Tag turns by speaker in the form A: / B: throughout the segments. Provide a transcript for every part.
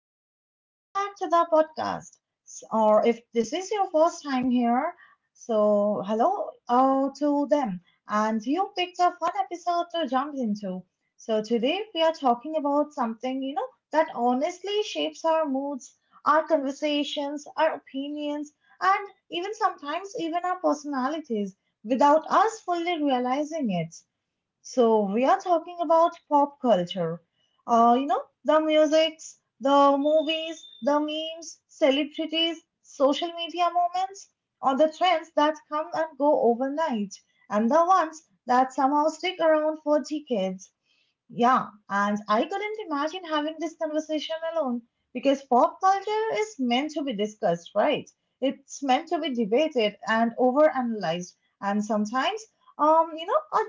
A: and welcome back to the podcast. Or if this is your first time here, so hello to them. And you picked a fun episode to jump into. So today we are talking about something, you know, that honestly shapes our moods, our conversations, our opinions, and even sometimes even our personalities without us fully realizing it. So we are talking about pop culture. You know, the musics, the movies, the memes, celebrities, social media moments, or the trends that come and go overnight, and the ones that somehow stick around for decades. Yeah, and I couldn't imagine having this conversation alone because pop culture is meant to be discussed, right? It's meant to be debated and overanalyzed, and sometimes, um, you know, uh,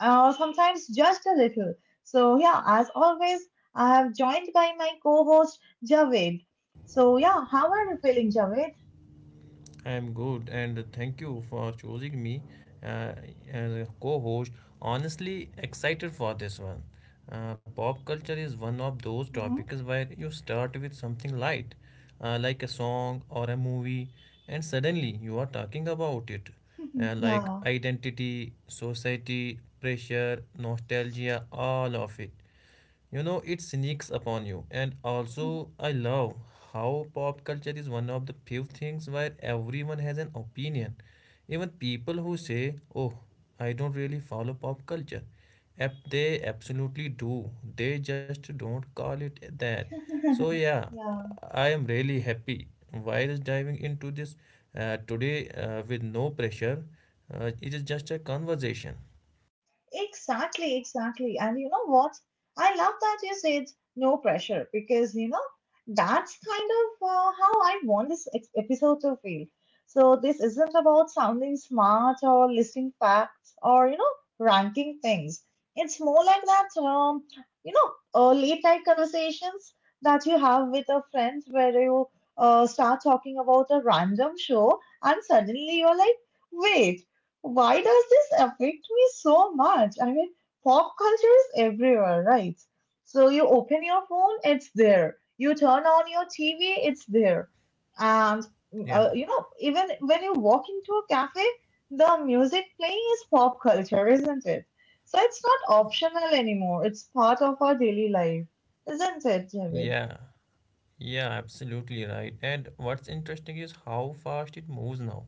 A: sometimes just a little. So yeah, as always, I have joined by my co-host Javed. So yeah, how are you feeling, Javed?
B: I'm good, and thank you for choosing me uh, as a co-host. Honestly, excited for this one. Pop culture is one of those
A: Hmm.
B: topics where you start with something light, like a song or a movie, and suddenly you are talking about it, like
A: Yeah.
B: identity, society, pressure, nostalgia, all of it. It sneaks upon you. And also I love how pop culture is one of the few things where everyone has an opinion, even people who say, oh, I don't really follow pop culture. They absolutely do, they just don't call it that. So yeah,
A: Yeah.
B: I am really happy virus diving into this today, with no pressure. It is just a conversation.
A: Exactly, exactly. And you know what? I love that you said no pressure because you know that's kind of how I want this episode to feel. So this isn't about sounding smart or listing facts or ranking things. It's more like that late night conversations that you have with a friend where you start talking about a random show and suddenly you're like, wait. Why does this affect me so much? I mean, pop culture is everywhere, right? So you open your phone, it's there. You turn on your TV, it's there. And
B: Yeah,
A: even when you walk into a cafe, the music playing is pop culture, isn't it? So it's not optional anymore. It's part of our daily life, isn't it, David?
B: yeah. Yeah, absolutely right. And what's interesting is how fast it moves now.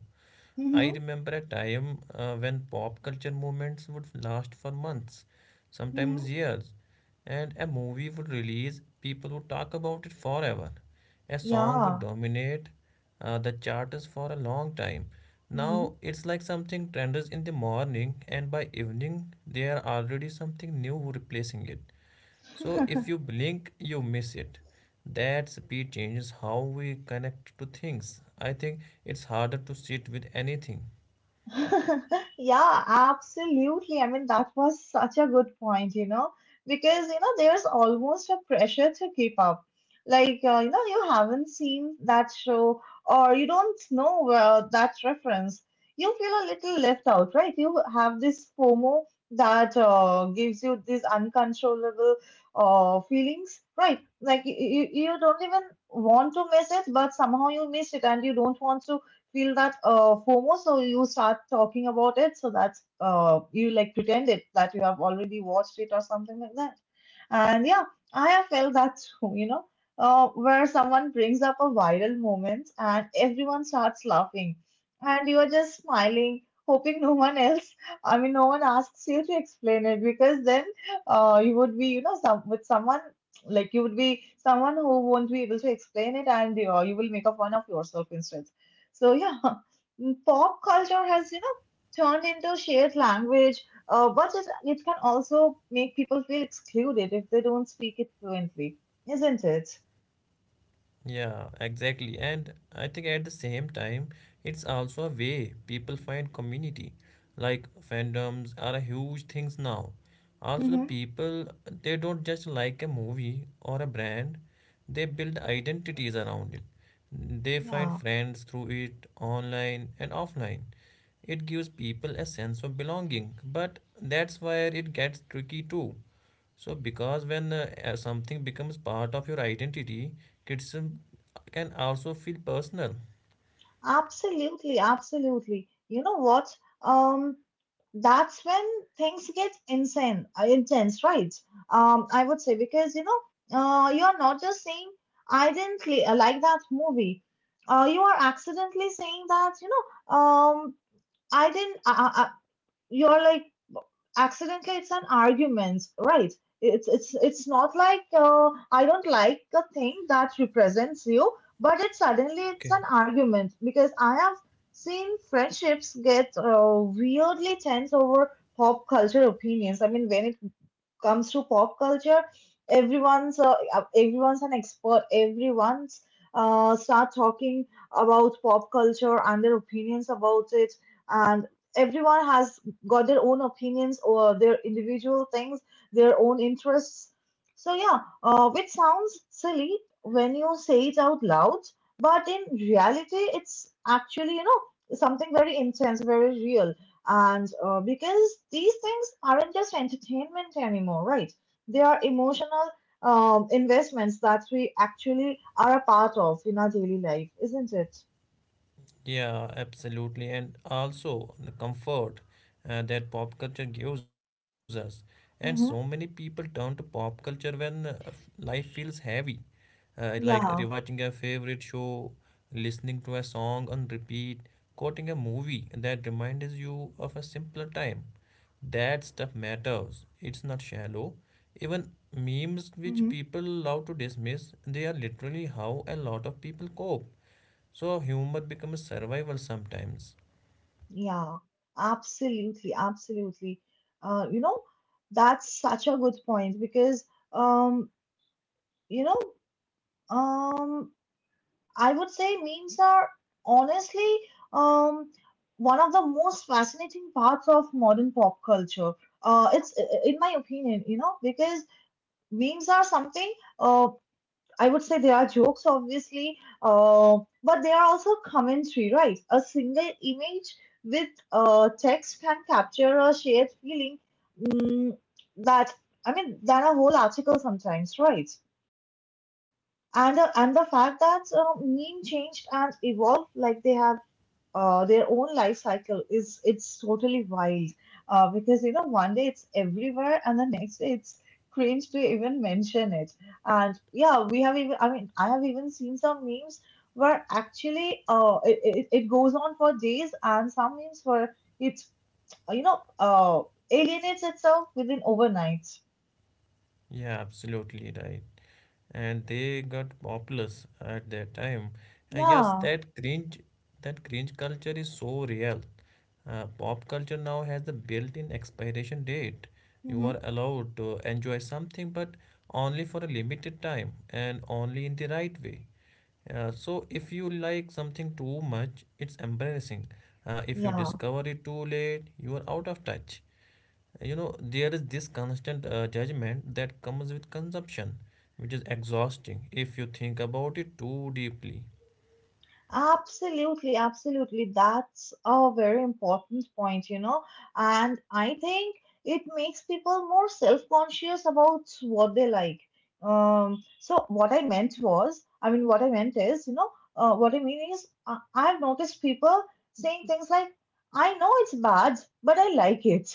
B: I
A: Mm-hmm.
B: remember a time when pop culture movements would last for months,
A: Mm-hmm.
B: sometimes years, and a movie would release, people would talk about it forever. A song would
A: Yeah.
B: dominate the charts for a long time.
A: Mm-hmm.
B: Now it's like something trends in the morning, and by evening, there are already something new replacing it. So if you blink, you miss it. That speed changes how we connect to things. I think it's harder to sit with anything.
A: Yeah, absolutely. I mean, that was such a good point, because, there's almost a pressure to keep up. Like, you haven't seen that show or you don't know that reference. You feel a little left out, right? You have this FOMO that gives you these uncontrollable feelings, right? Like, you don't even want to miss it, but somehow you miss it and you don't want to feel that FOMO, so you start talking about it. So that's you like pretend it that you have already watched it or something like that. And yeah, I have felt that too, where someone brings up a viral moment and everyone starts laughing, and you are just smiling, hoping no one else, I mean, no one asks you to explain it because then you would be, some, with someone like you would be someone who won't be able to explain it, and you will make a fun of yourself instead. So, yeah, pop culture has, turned into shared language, but it can also make people feel excluded if they don't speak it fluently, isn't it?
B: Yeah, exactly. And I think at the same time, it's also a way people find community. Like fandoms are a huge things now. Also, the
A: Hmm.
B: people, they don't just like a movie or a brand, they build identities around it. They find
A: Yeah,
B: friends through it online and offline. It gives people a sense of belonging, but that's where it gets tricky too, so, because when something becomes part of your identity, criticism can also feel personal.
A: absolutely, absolutely. You know what? Um, that's when things get insane, intense, right? I would say because you are not just saying I didn't like that movie. You are accidentally saying that I didn't. You're like, accidentally it's an argument, right? It's not like I don't like the thing that represents you, but it suddenly it's
B: Okay.
A: an argument because I have seen friendships get weirdly tense over pop culture opinions. I mean, when it comes to pop culture, everyone's everyone's an expert. Everyone's start talking about pop culture and their opinions about it, and everyone has got their own opinions or their individual things, their own interests. So yeah, which sounds silly when you say it out loud, but in reality, it's actually something very intense, very real, and because these things aren't just entertainment anymore, right? They are emotional, investments that we actually are a part of in our daily life, isn't it?
B: Yeah, absolutely. And also the comfort that pop culture gives us. And so many
A: Mm-hmm.
B: people turn to pop culture when life feels heavy, like
A: Yeah.
B: rewatching a favorite show, listening to a song on repeat, quoting a movie that reminds you of a simpler time. That stuff matters. It's not shallow. Even memes, which
A: Mm-hmm.
B: people love to dismiss, they are literally how a lot of people cope. So humor becomes survival sometimes.
A: Yeah. Absolutely. Absolutely. Uh, you know, that's such a good point because, um, you know, um, I would say memes are honestly, um, one of the most fascinating parts of modern pop culture. It's in my opinion, because memes are something. Uh, I would say they are jokes, obviously, but they are also commentary, right? A single image with text can capture a shared feeling, mm, that I mean, than a whole article sometimes, right? And the fact that meme changed and evolved, like they have their own life cycle is it's totally wild, because you know one day it's everywhere and the next day it's cringe to even mention it. And yeah, we have even, I mean, I have even seen some memes where actually it goes on for days, and some memes where it's you know uh, alienates itself within overnight.
B: Yeah, absolutely right. And they got populous at that time. And yes,
A: Yeah.
B: that cringe culture is so real. Pop culture now has the built-in expiration date. You
A: Hmm.
B: are allowed to enjoy something, but only for a limited time and only in the right way. So if you like something too much, it's embarrassing. If you
A: Yeah.
B: discover it too late, you are out of touch. You know, there is this constant judgment that comes with consumption, which is exhausting if you think about it too deeply.
A: Absolutely, absolutely. That's a very important point. And I think it makes people more self-conscious about what they like. So what I meant was, I mean, what I meant is, what I mean is, I've noticed people saying things like, I know it's bad, but I like it,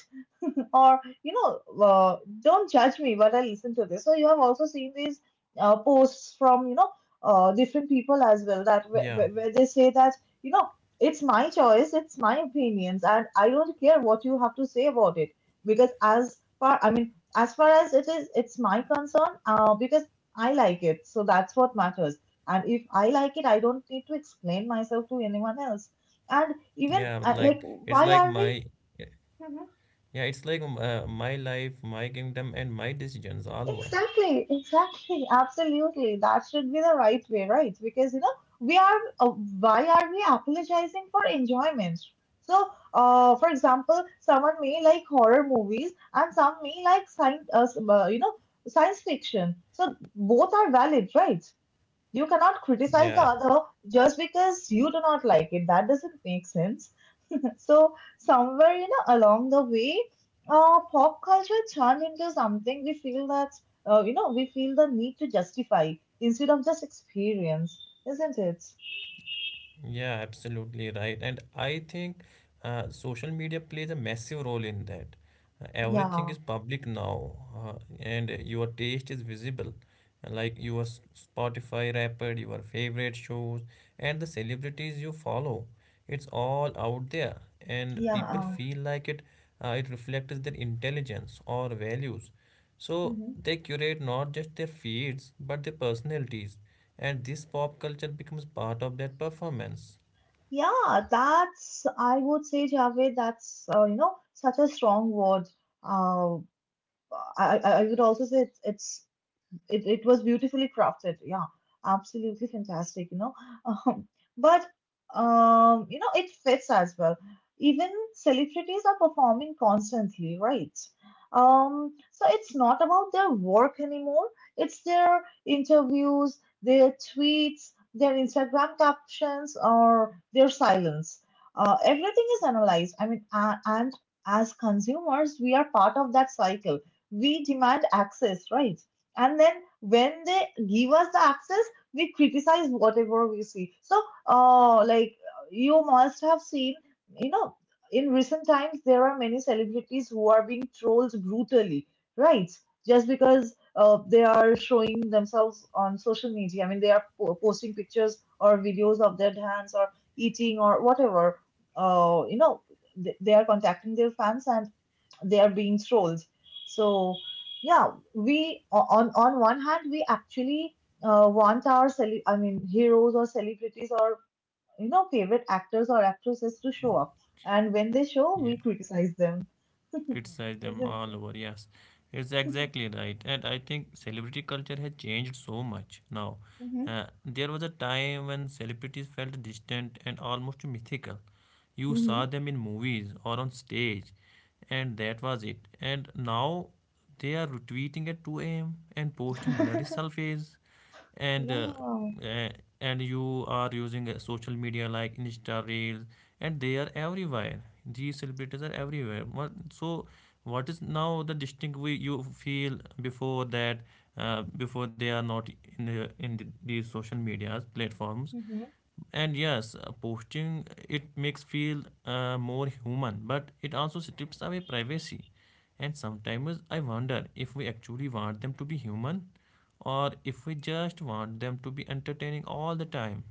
A: or don't judge me, but I listen to this. So you have also seen these posts from different people as well, that
B: Yeah,
A: where they say that you know it's my choice, it's my opinions, and I don't care what you have to say about it, because as far, I mean, as far as it is, it's my concern, because I like it, so that's what matters. And if I like it, I don't need to explain myself to anyone else. And even
B: yeah,
A: like,
B: like it's
A: why
B: like
A: are we
B: my, yeah, it's like my life, my kingdom, and my decisions all over.
A: exactly, exactly, absolutely. That should be the right way, right? Because you know, we are why are we apologizing for enjoyment? So, for example, someone may like horror movies and some may like science, science fiction. So both are valid, right? You cannot criticize the
B: Yeah.
A: other just because you do not like it. That doesn't make sense. So somewhere, along the way, pop culture turned into something we feel that, we feel the need to justify instead of just experience, isn't it?
B: Yeah, absolutely right. And I think social media plays a massive role in that. Everything
A: Yeah,
B: is public now, and your taste is visible, like your Spotify Wrapped, your favorite shows, and the celebrities you follow. It's all out there, and
A: yeah,
B: people feel like it it reflects their intelligence or values, so
A: mhm.
B: they curate not just their feeds but their personalities. And this pop culture becomes part of that performance.
A: Yeah. That's, I would say, Javed. That's such a strong word. Uh, I would also say it was beautifully crafted. Yeah, absolutely fantastic. Um, but it fits as well. Even celebrities are performing constantly, right? So it's not about their work anymore. It's their interviews, their tweets, their Instagram captions, or their silence. Everything is analyzed. I mean, a and as consumers, we are part of that cycle. We demand access, right? And then when they give us the access, we criticize whatever we see. So like, you must have seen, you know in recent times there are many celebrities who are being trolled brutally, right? Just because they are showing themselves on social media. I mean, they are posting pictures or videos of their hands, or eating, or whatever. uh, you know they are contacting their fans and their beans rolls. So yeah, we on one hand we actually want our I mean heroes or celebrities or favorite actors or actresses to show up, and when they show, we criticize them,
B: Criticize them
A: isn't
B: all
A: it?
B: over. Yes, it's exactly right. And I think celebrity culture has changed so much now. There was a time when celebrities felt distant and almost mythical. You
A: Mm-hmm.
B: saw them in movies or on stage, and that was it. And now they are retweeting at 2 a.m. and posting blurry
A: Mm-hmm.
B: selfies and
A: Yeah.
B: uh, uh, and you are using social media like insta reels, and they are everywhere. These celebrities are everywhere. What, so what is now the distinct we you feel before that, before they are not in these social media platforms.
A: Mm-hmm.
B: And yes, posting, it makes feel more human, but it also strips away privacy. And sometimes I wonder if we actually want them to be human, or if we just want them to be entertaining all the time.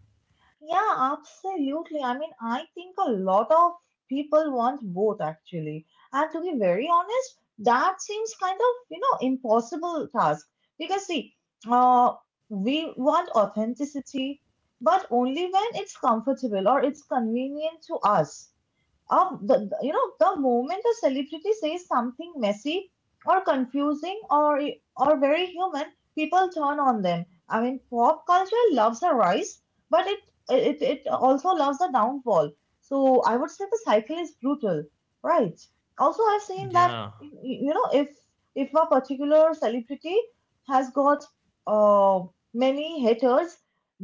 A: Yeah, absolutely. I mean, I think a lot of people want both actually. And to be very honest, that seems kind of, impossible task because see, uh, we want authenticity, but only when it's comfortable or it's convenient to us. You know, the moment a celebrity says something messy or confusing or very human, people turn on them. I mean, pop culture loves a rise, but it also loves a downfall. So I would say the cycle is brutal, right? Also, I've seen that
B: Yeah,
A: you know, if a particular celebrity has got uh, many haters,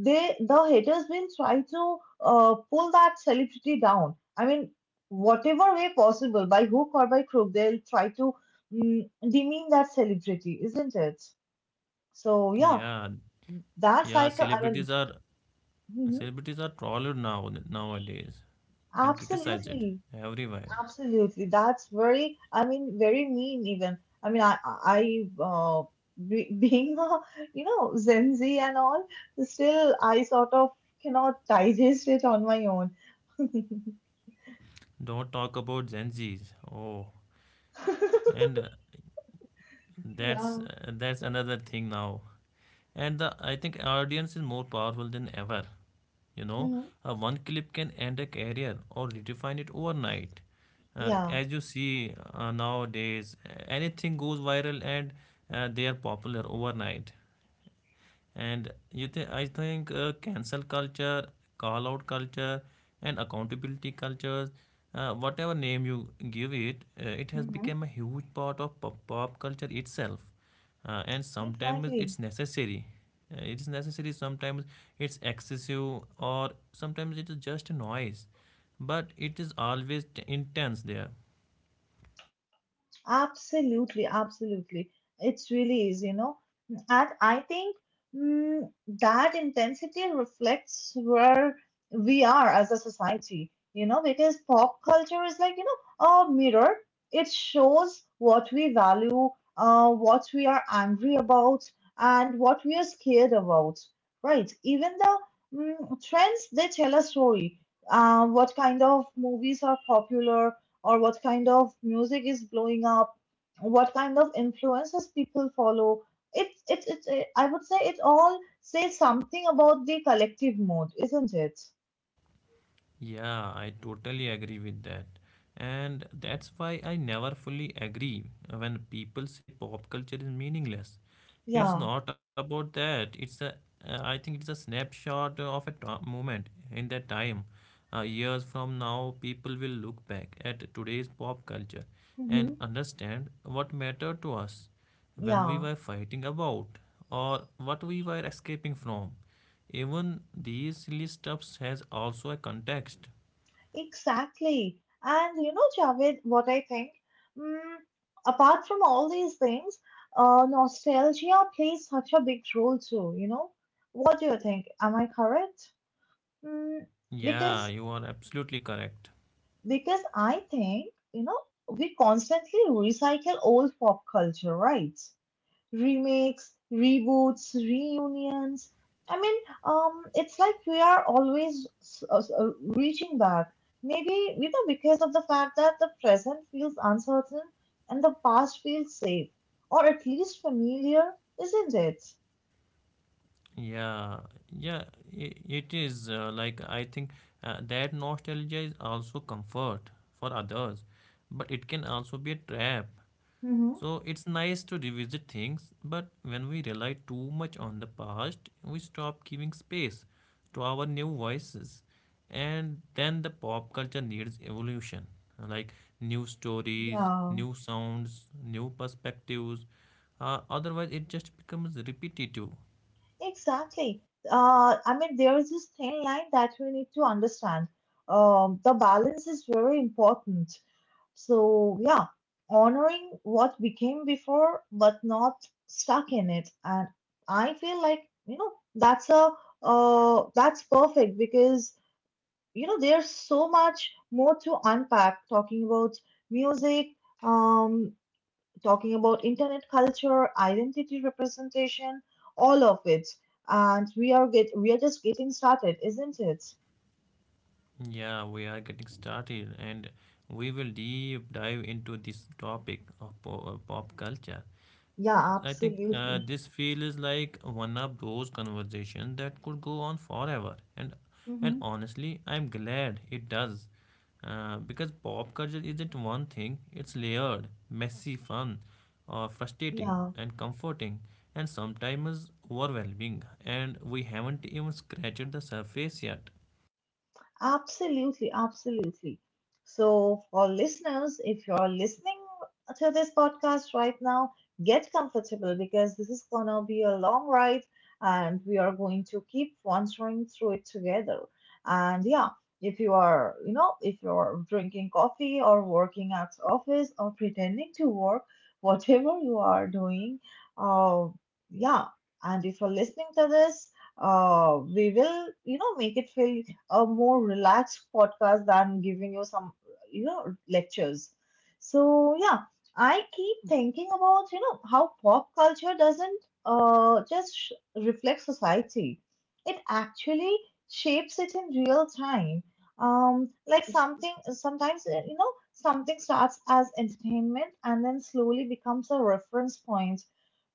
A: they the haters will try to pull that celebrity down. I mean, whatever way possible, by hook or by crook, they'll try to demean that celebrity, isn't it? So yeah,
B: yeah,
A: that
B: yeah.
A: cycle. I mean,
B: Celebrities are,
A: mhm,
B: celebrities are trolled now nowadays and criticized
A: absolutely,
B: everywhere.
A: absolutely. That's very, I mean, very mean even. I mean, being a, Gen Z and all, still I sort of cannot digest it on my own.
B: Don't talk about Gen Zs. Oh, and
A: Yeah.
B: that's another thing now. And I think audience is more powerful than ever. You know,
A: Hmm.
B: one clip can end a career or redefine it overnight,
A: Yeah.
B: as you see nowadays. Anything goes viral, and they are popular overnight. And you think, I think cancel culture, call out culture, and accountability cultures, whatever name you give it, it has
A: Hmm.
B: become a huge part of pop culture itself. And sometimes
A: Exactly.
B: it's necessary. It is necessary. Sometimes it's excessive, or sometimes it is just noise, but it is always intense there.
A: Absolutely, absolutely. It's really is. And I think mm, that intensity reflects where we are as a society, you know, because pop culture is like, you know, a mirror. It shows what we value, what we are angry about, and what we are scared about, right? Even the trends, they tell a story. What kind of movies are popular, or what kind of music is blowing up, what kind of influences people follow. It's I would say it all says something about the collective mood, isn't it?
B: Yeah, I totally agree with that. And that's why I never fully agree when people say pop culture is meaningless. It's
A: Yeah.
B: not about that. It's a, I think it's a snapshot of a moment in that time. Years from now, people will look back at today's pop culture and
A: Hmm.
B: understand what mattered to us, when we
A: Yeah.
B: were fighting about, or what we were escaping from. Even these silly stuffs has also a context.
A: Exactly. And you know, Javed, what I think. Mm, Apart from all these things, nostalgia plays such a big role too. You know, what do you think? Am I correct? Mm,
B: Yeah,
A: because
B: you are absolutely correct.
A: because I think, you know, we constantly recycle old pop culture, right? Remakes, reboots, reunions. I mean, it's like we are always reaching back. Maybe, you know, because of the fact that the present feels uncertain and the past feels safe, or at least familiar, isn't it?
B: Yeah, yeah, it is like I think that nostalgia is also comfort for others, but it can also be a trap.
A: Mm-hmm.
B: So it's nice to revisit things, but when we rely too much on the past, we stop giving space to our new voices. And then the pop culture needs evolution, like new stories,
A: Yeah.
B: new sounds, new perspectives. Otherwise, it just becomes repetitive.
A: Exactly. I mean, there is this thin line that we need to understand. The balance is very important. So, yeah, honoring what became before, but not stuck in it. And I feel like, you know, that's a that's perfect because, you know, there's so much more to unpack talking about music, um, talking about internet culture, identity representation, all of it. And we are just getting started, isn't it?
B: Yeah, we are getting started, and we will deep dive into this topic of pop culture.
A: Yeah,
B: I think
A: absolutely.
B: this feels like one of those conversations that could go on forever, and
A: Hmm.
B: honestly, I'm glad it does, because pop culture isn't one thing. It's layered, messy, fun, or frustrating,
A: Yeah.
B: and comforting, and sometimes overwhelming. And we haven't even scratched the surface yet.
A: Absolutely, absolutely. So, for listeners, if you're listening to this podcast right now, get comfortable because this is going to be a long ride and we are going to keep wandering through it together. And yeah, if you are, you know, if you're drinking coffee or working at office or pretending to work, whatever you are doing, uh, yeah. And if you're listening to this, we will, you know, make it feel a more relaxed podcast than giving you some, you know, lectures. So, yeah, I keep thinking about, you know, how pop culture doesn't just reflect society, it actually shapes it in real time. Like something, sometimes, you know, something starts as entertainment and then slowly becomes a reference point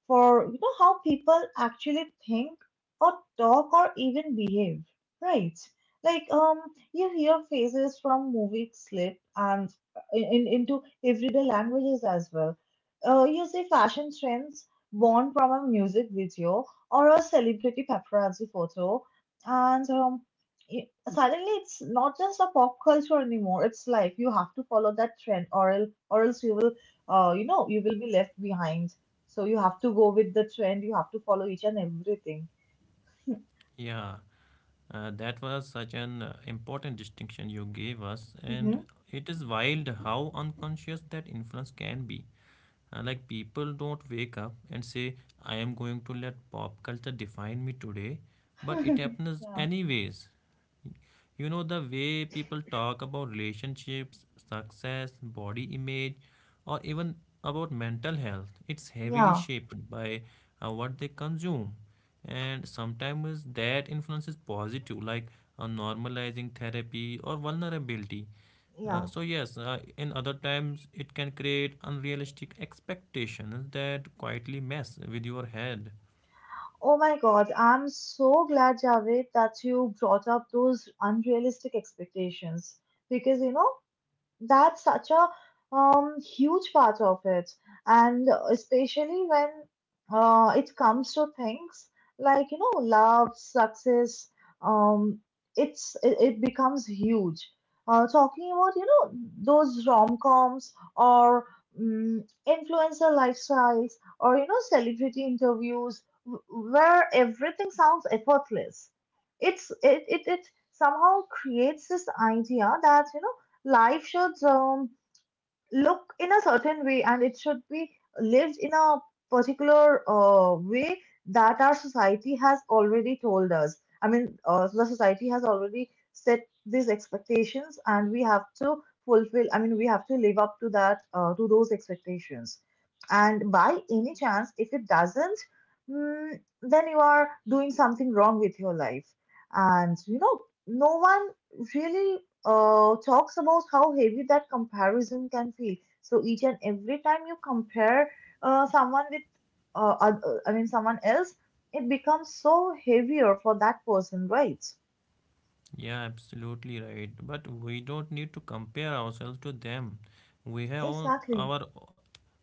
A: for, you know, how people actually think or talk or even behave, right? Like you hear phrases from movie slip and into everyday languages as well. You see fashion trends born from a music video or a celebrity paparazzi photo, and suddenly it's not just a pop culture anymore. It's like you have to follow that trend, or else you will, you know, you will be left behind, so you have to go with the trend, you have to follow each and everything.
B: Yeah, that was such an important distinction you gave us, and
A: Mhm.
B: it is wild how unconscious that influence can be. Like people don't wake up and say, I am going to let pop culture define me today, but it happens anyways. You know, the way people talk about relationships, success, body image, or even about mental health, it's heavily
A: Yeah,
B: shaped by what they consume. And sometimes that influence is positive, like normalizing therapy or vulnerability.
A: yeah.
B: So yes, in other times it can create unrealistic expectations that quietly mess with your head.
A: Oh my God, I'm so glad, Javed, that you brought up those unrealistic expectations, because you know that's such a huge part of it, and especially when it comes to things like, you know, love, success, um, it's it becomes huge, talking about, you know, those rom-coms or influencer lifestyles or, you know, celebrity interviews, w- where everything sounds effortless. It's it somehow creates this idea that, you know, life should look in a certain way and it should be lived in a particular way that our society has already told us. I mean, the society has already set these expectations and we have to fulfill, I mean, we have to live up to that, to those expectations. And by any chance, if it doesn't, then you are doing something wrong with your life. And, you know, no one really talks about how heavy that comparison can feel. So each and every time you compare someone with, I mean, someone else, it becomes so heavier for that person, right?
B: Yeah, absolutely right. But we don't need to compare ourselves to them. We have own
A: Exactly.
B: our,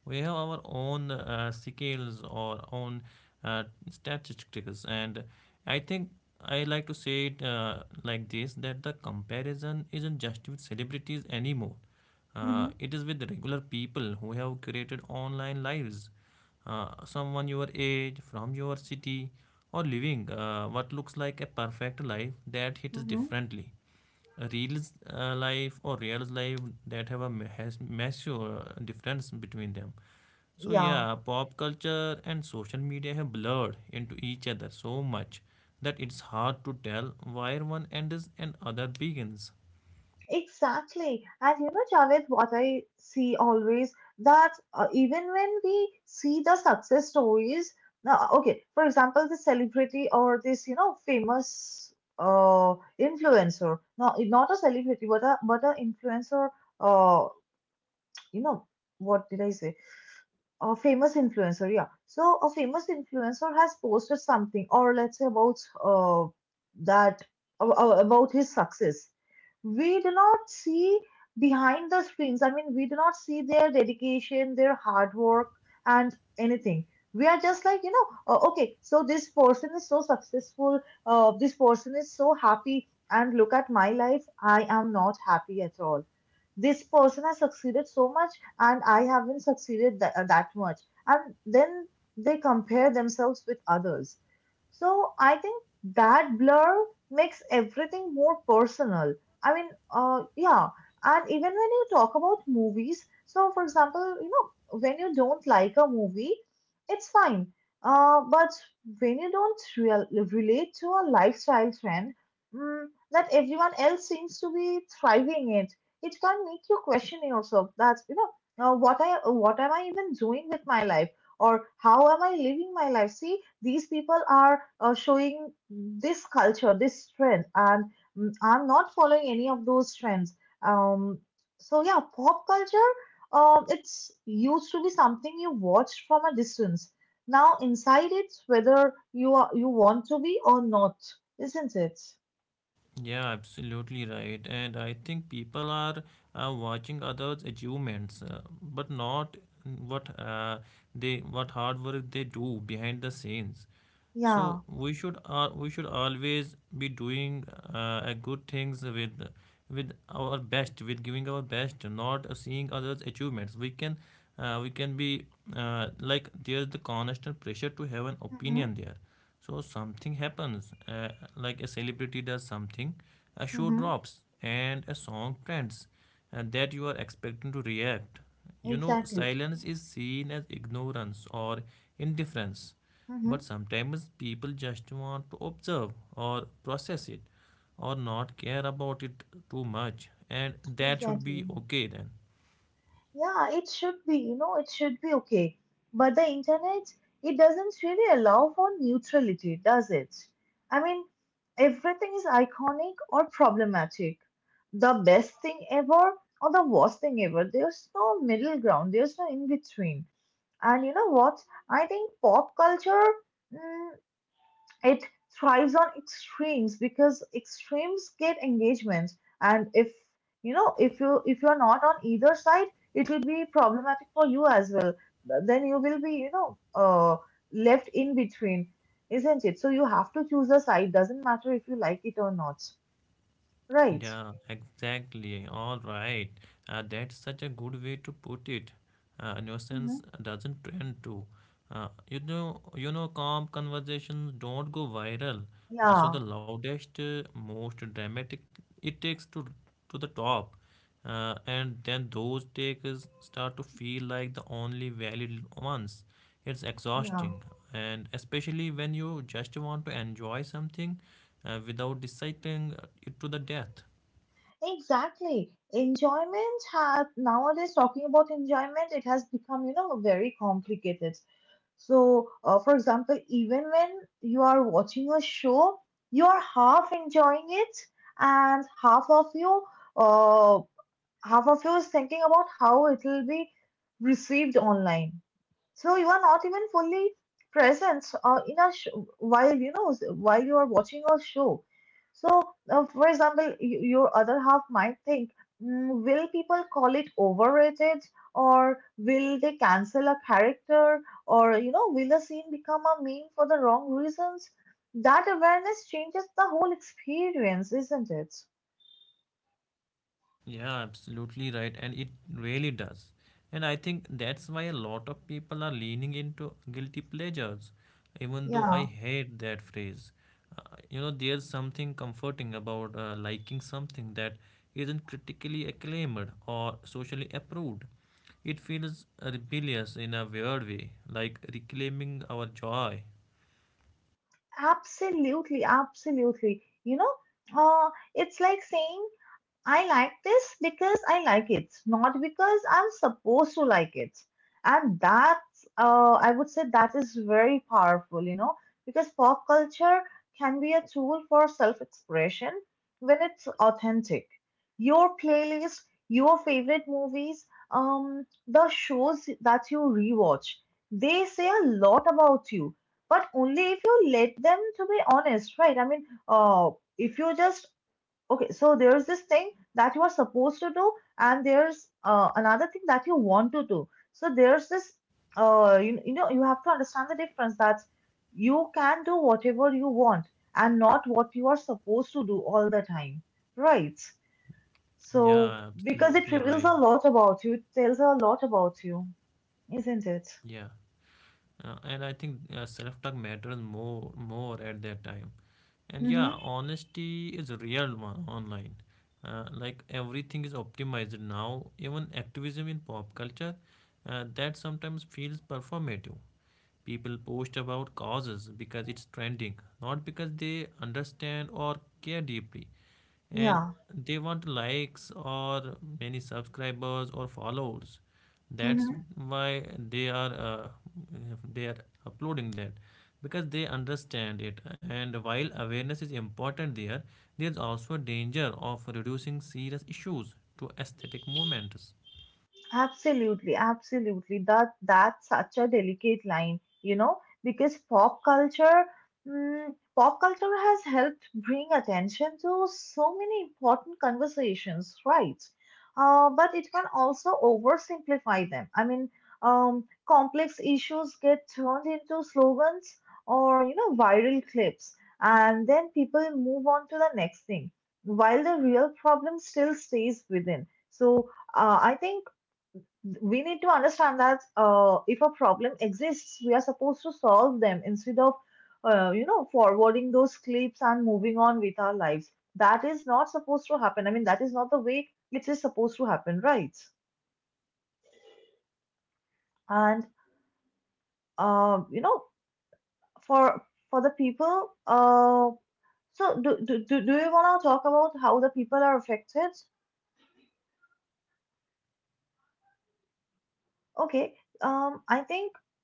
B: we have our own scales or own uh, statistics, and I think I like to say it like this: that the comparison isn't just with celebrities anymore.
A: Mm-hmm.
B: It is with regular people who have curated online lives, someone your age, from your city, or living what looks like a perfect life that hits
A: Mm-hmm.
B: differently. A real life or real life that have a has massive difference between them. So
A: Yeah.
B: yeah, pop culture and social media have blurred into each other so much that it's hard to tell where one ends and other begins.
A: Exactly. And you know, Javed, what I see always, that even when we see the success stories, now, okay, for example, the celebrity or this, you know, famous uh, influencer, no, not a celebrity, but a influencer. Uh, you know, what did I say? A famous influencer, yeah. So a famous influencer has posted something, or let's say about uh, that about his success, we do not see behind the screens. I mean, we do not see their dedication, their hard work and anything. We are just like, you know, okay, so this person is so successful, this person is so happy, and look at my life, I am not happy at all. This person has succeeded so much, and I haven't succeeded that much. And then they compare themselves with others. So I think that blur makes everything more personal. I mean, yeah. And even when you talk about movies, so for example, you know, when you don't like a movie, it's fine. But when you don't real relate to a lifestyle trend, mm, that everyone else seems to be thriving it, it can make you question yourself. That, you know, now what am I even doing with my life, or how am I living my life? See, these people are showing this culture, this trend, and I'm not following any of those trends. Um, so yeah, pop culture, it's used to be something you watch from a distance. Now inside it, whether you are you want to be or not, isn't it?
B: Yeah, absolutely right. And I think people are watching others' achievements, but not what they what hard work they do behind the scenes. So
A: Yeah.
B: we should always be doing a good things with our best, with giving our best, not seeing others' achievements. We can be like there's the constant pressure to have an
A: Mm-hmm.
B: opinion there. So something happens, like a celebrity does something, a show
A: Mm-hmm.
B: drops and a song trends, and that you are expecting to react. You know,
A: Exactly.
B: silence is seen as ignorance or indifference, but
A: Mm-hmm.
B: sometimes people just want to observe or process it, or not care about it too much, and that should be
A: Exactly.
B: okay then.
A: Yeah, it should be, you know, it should be okay. But the internet, it doesn't really allow for neutrality, does it? I mean, everything is iconic or problematic. The best thing ever or the worst thing ever. There's no middle ground, there's no in between. And you know what? I think pop culture, mm, it thrives on extremes because extremes get engagements, and if you know if you're not on either side, it will be problematic for you as well. Then you will be, you know, left in between, isn't it? So you have to choose a side. Doesn't matter if you like it or not, right?
B: Yeah, exactly. All right. That's such a good way to put it.
A: Hmm.
B: Innocence doesn't trend to. You know, you know, calm conversations don't go viral. So
A: Yeah,
B: the loudest, most dramatic, it takes to the top, and then those takes start to feel like the only valid ones. It's
A: yeah,
B: exhausting, and especially when you just want to enjoy something, without deciding it to the death.
A: exactly. Enjoyment has nowadays, talking about enjoyment, it has become, you know, very complicated. So, for example, even when you are watching a show, you are half enjoying it, and uh, half of you is thinking about how it will be received online, so you are not even fully present, while you know while you are watching a show. So for example, your other half might think, will people call it overrated, or will they cancel a character, or you know will the scene become a meme for the wrong reasons?" That awareness changes the whole experience, isn't it?
B: Yeah, absolutely right. And it really does. And I think that's why a lot of people are leaning into guilty pleasures, even though I
A: Yeah.
B: hate that phrase. You know, there's something comforting about liking something that isn't critically acclaimed or socially approved. It feels rebellious in a weird way, like reclaiming our joy.
A: Absolutely, absolutely, you know. uh, it's like saying, I like this because I like it, not because I'm supposed to like it. And that's, I would say, that is very powerful, you know, because pop culture can be a tool for self expression when it's authentic. Your playlist, your favorite movies, the shows that you rewatch, they say a lot about you, but only if you let them to be honest, right? I mean, if you just okay, so there is this thing that you are supposed to do, and there's another thing that you want to do. So there's this, you know, you have to understand the difference that you can do whatever you want and not what you are supposed to do all the time, right? So
B: Yeah,
A: because it
B: absolutely
A: reveals a
B: right.
A: lot about you, it tells a lot about you, isn't it?
B: Yeah. And I think self-talk matters more at that time. And
A: Mm-hmm.
B: yeah, honesty is real one online. Like everything is optimized now, even activism in pop culture, that sometimes feels performative. People post about causes because it's trending, not because they understand or care deeply. And
A: Yeah.
B: they want likes or many subscribers or followers. That's
A: Mm-hmm.
B: why they are uploading that because they understand it. And while awareness is important there, there's also a danger of reducing serious issues to aesthetic movements.
A: Absolutely, absolutely. That that's such a delicate line, you know, because pop culture, mm, pop culture has helped bring attention to so many important conversations, right? But it can also oversimplify them. I mean, complex issues get turned into slogans or you know viral clips, and then people move on to the next thing, while the real problem still stays within. So I think we need to understand that if a problem exists, we are supposed to solve them instead of, you know, forwarding those clips and moving on with our lives. That is not supposed to happen. I mean, that is not the way it is supposed to happen, right?
B: Yeah, all right.
A: And
B: Exactly, and for the
A: you know,
B: people. Yeah,
A: for the people, so do you want to talk about how the people are affected?
B: yeah. I think that can feel really invalidating.
A: Okay,
B: Like uh,
A: I
B: your,
A: think
B: p-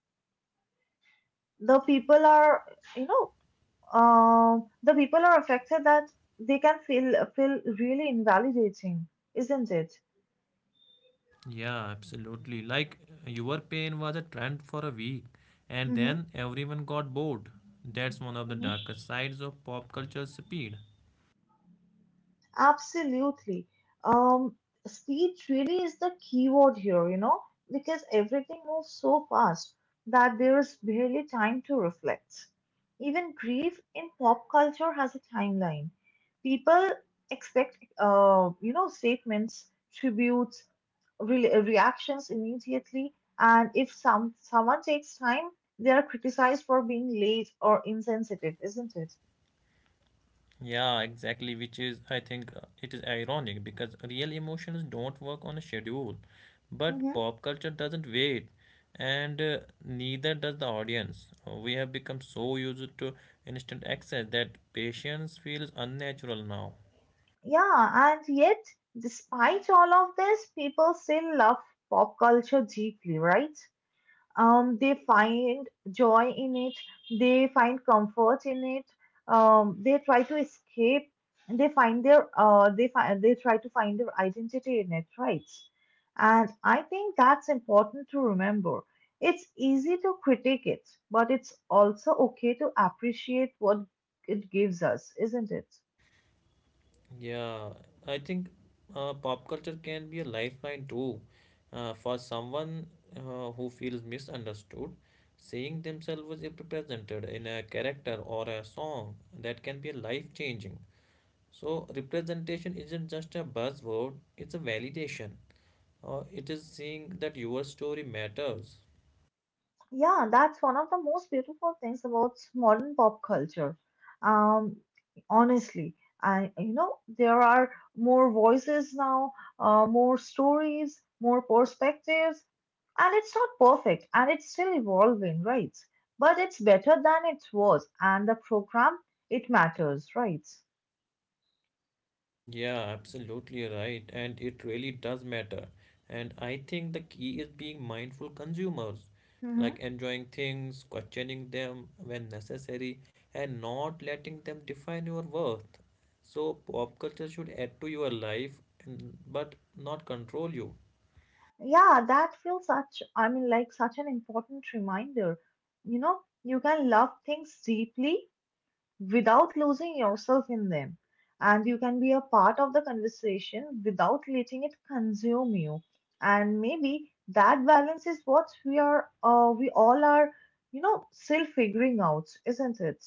B: yeah,
A: the people are, you know, the people are affected, that they can feel really invalidating, isn't it?
B: yeah, absolutely. Like your pain was a trend for a week, and
A: Hmm.
B: then everyone got bored. That's one of the
A: Hmm.
B: darker sides of pop culture speed.
A: Absolutely. Um, Speed really is the key word here, you know, because everything moves so fast that there is barely time to reflect. Even grief in pop culture has a timeline. People expect, you know, statements, tributes, reactions immediately, and if someone takes time, they are criticized for being late or insensitive, isn't it?
B: Yeah, exactly, which is, I think, it is ironic because real emotions don't work on a schedule, but
A: Mm-hmm.
B: pop culture doesn't wait, and neither does the audience. We have become so used to instant access that patience feels unnatural now.
A: Yeah, and yet, despite all of this, people still love pop culture deeply, right? They find joy in it, they find comfort in it, they try to escape, and they find their they find they try to find their identity in it, right? And I think that's important to remember. It's easy to critique it, but it's also okay to appreciate what it gives us, isn't it?
B: Yeah, I think pop culture can be a lifeline too. For someone who feels misunderstood, seeing themselves as represented in a character or a song, that can be life changing. So, representation isn't just a buzzword, it's a validation. It is seeing that your story matters.
A: Yeah, that's one of the most beautiful things about modern pop culture. Um, Honestly, I you know there are more voices now, more stories, more perspectives, and it's not perfect and it's still evolving, right? But it's better than it was, and the program it matters, right?
B: Yeah, absolutely right. And it really does matter. And I think the key is being mindful consumers,
A: Mm-hmm.
B: like enjoying things, questioning them when necessary, and not letting them define your worth. So pop culture should add to your life and but not control you.
A: Yeah, that feels such, I mean, like such an important reminder. You know, you can love things deeply without losing yourself in them. And you can be a part of the conversation without letting it consume you. And maybe that balance is what we are, we all are, you know, still figuring out, isn't it?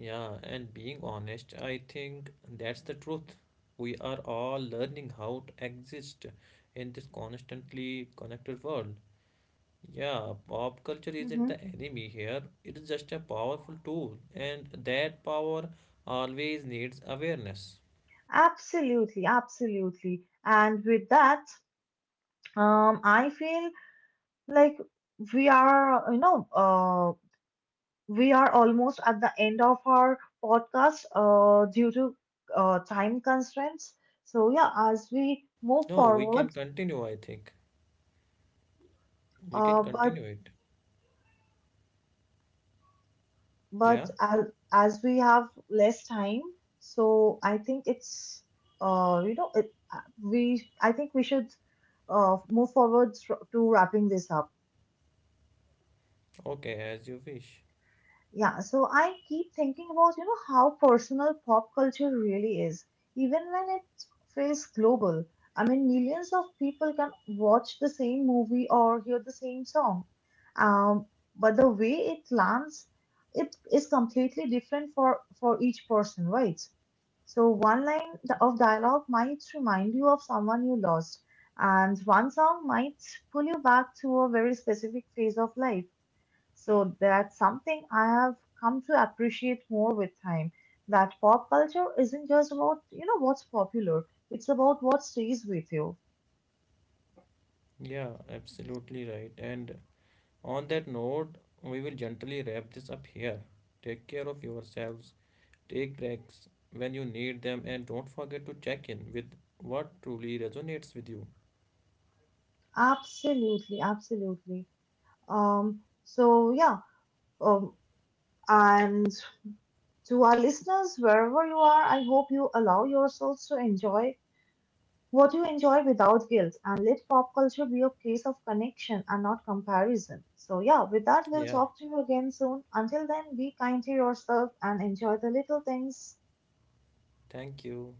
B: Yeah, and being honest, I think that's the truth. We are all learning how to exist in this constantly connected world. Yeah, pop culture isn't
A: Hmm.
B: the enemy here. It is just a powerful tool, and that power always needs awareness.
A: Absolutely, absolutely. And with that, I feel like we are, you know, we are almost at the end of our podcast due to time constraints. So yeah, as we move
B: No, we can
A: forward,
B: continue, I think. We can
A: uh, but
B: continue it. Yeah,
A: but as we have less time, so I think it's we I think we should move forward to wrapping this up.
B: okay, as you wish.
A: Yeah, so I keep thinking about, you know, how personal pop culture really is, even when it feels global. I mean, millions of people can watch the same movie or hear the same song. Um, but the way it lands, it is completely different for each person, right? So one line of dialogue might remind you of someone you lost, and one song might pull you back to a very specific phase of life. So that's something I have come to appreciate more with time. That pop culture isn't just about, you know, what's popular. It's about what stays with you.
B: Yeah, absolutely right. And on that note, we will gently wrap this up here. Take care of yourselves, take breaks when you need them, and don't forget to check in with what truly resonates with you.
A: Absolutely, absolutely. So yeah, um, and to our listeners, wherever you are, I hope you allow yourselves to enjoy what you enjoy without guilt, and let pop culture be a place of connection and not comparison. So, yeah, with that, we'll
B: Yeah,
A: talk to you again soon. Until then, be kind to yourself and enjoy the little things.
B: thank you.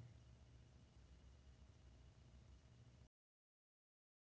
B: Bye.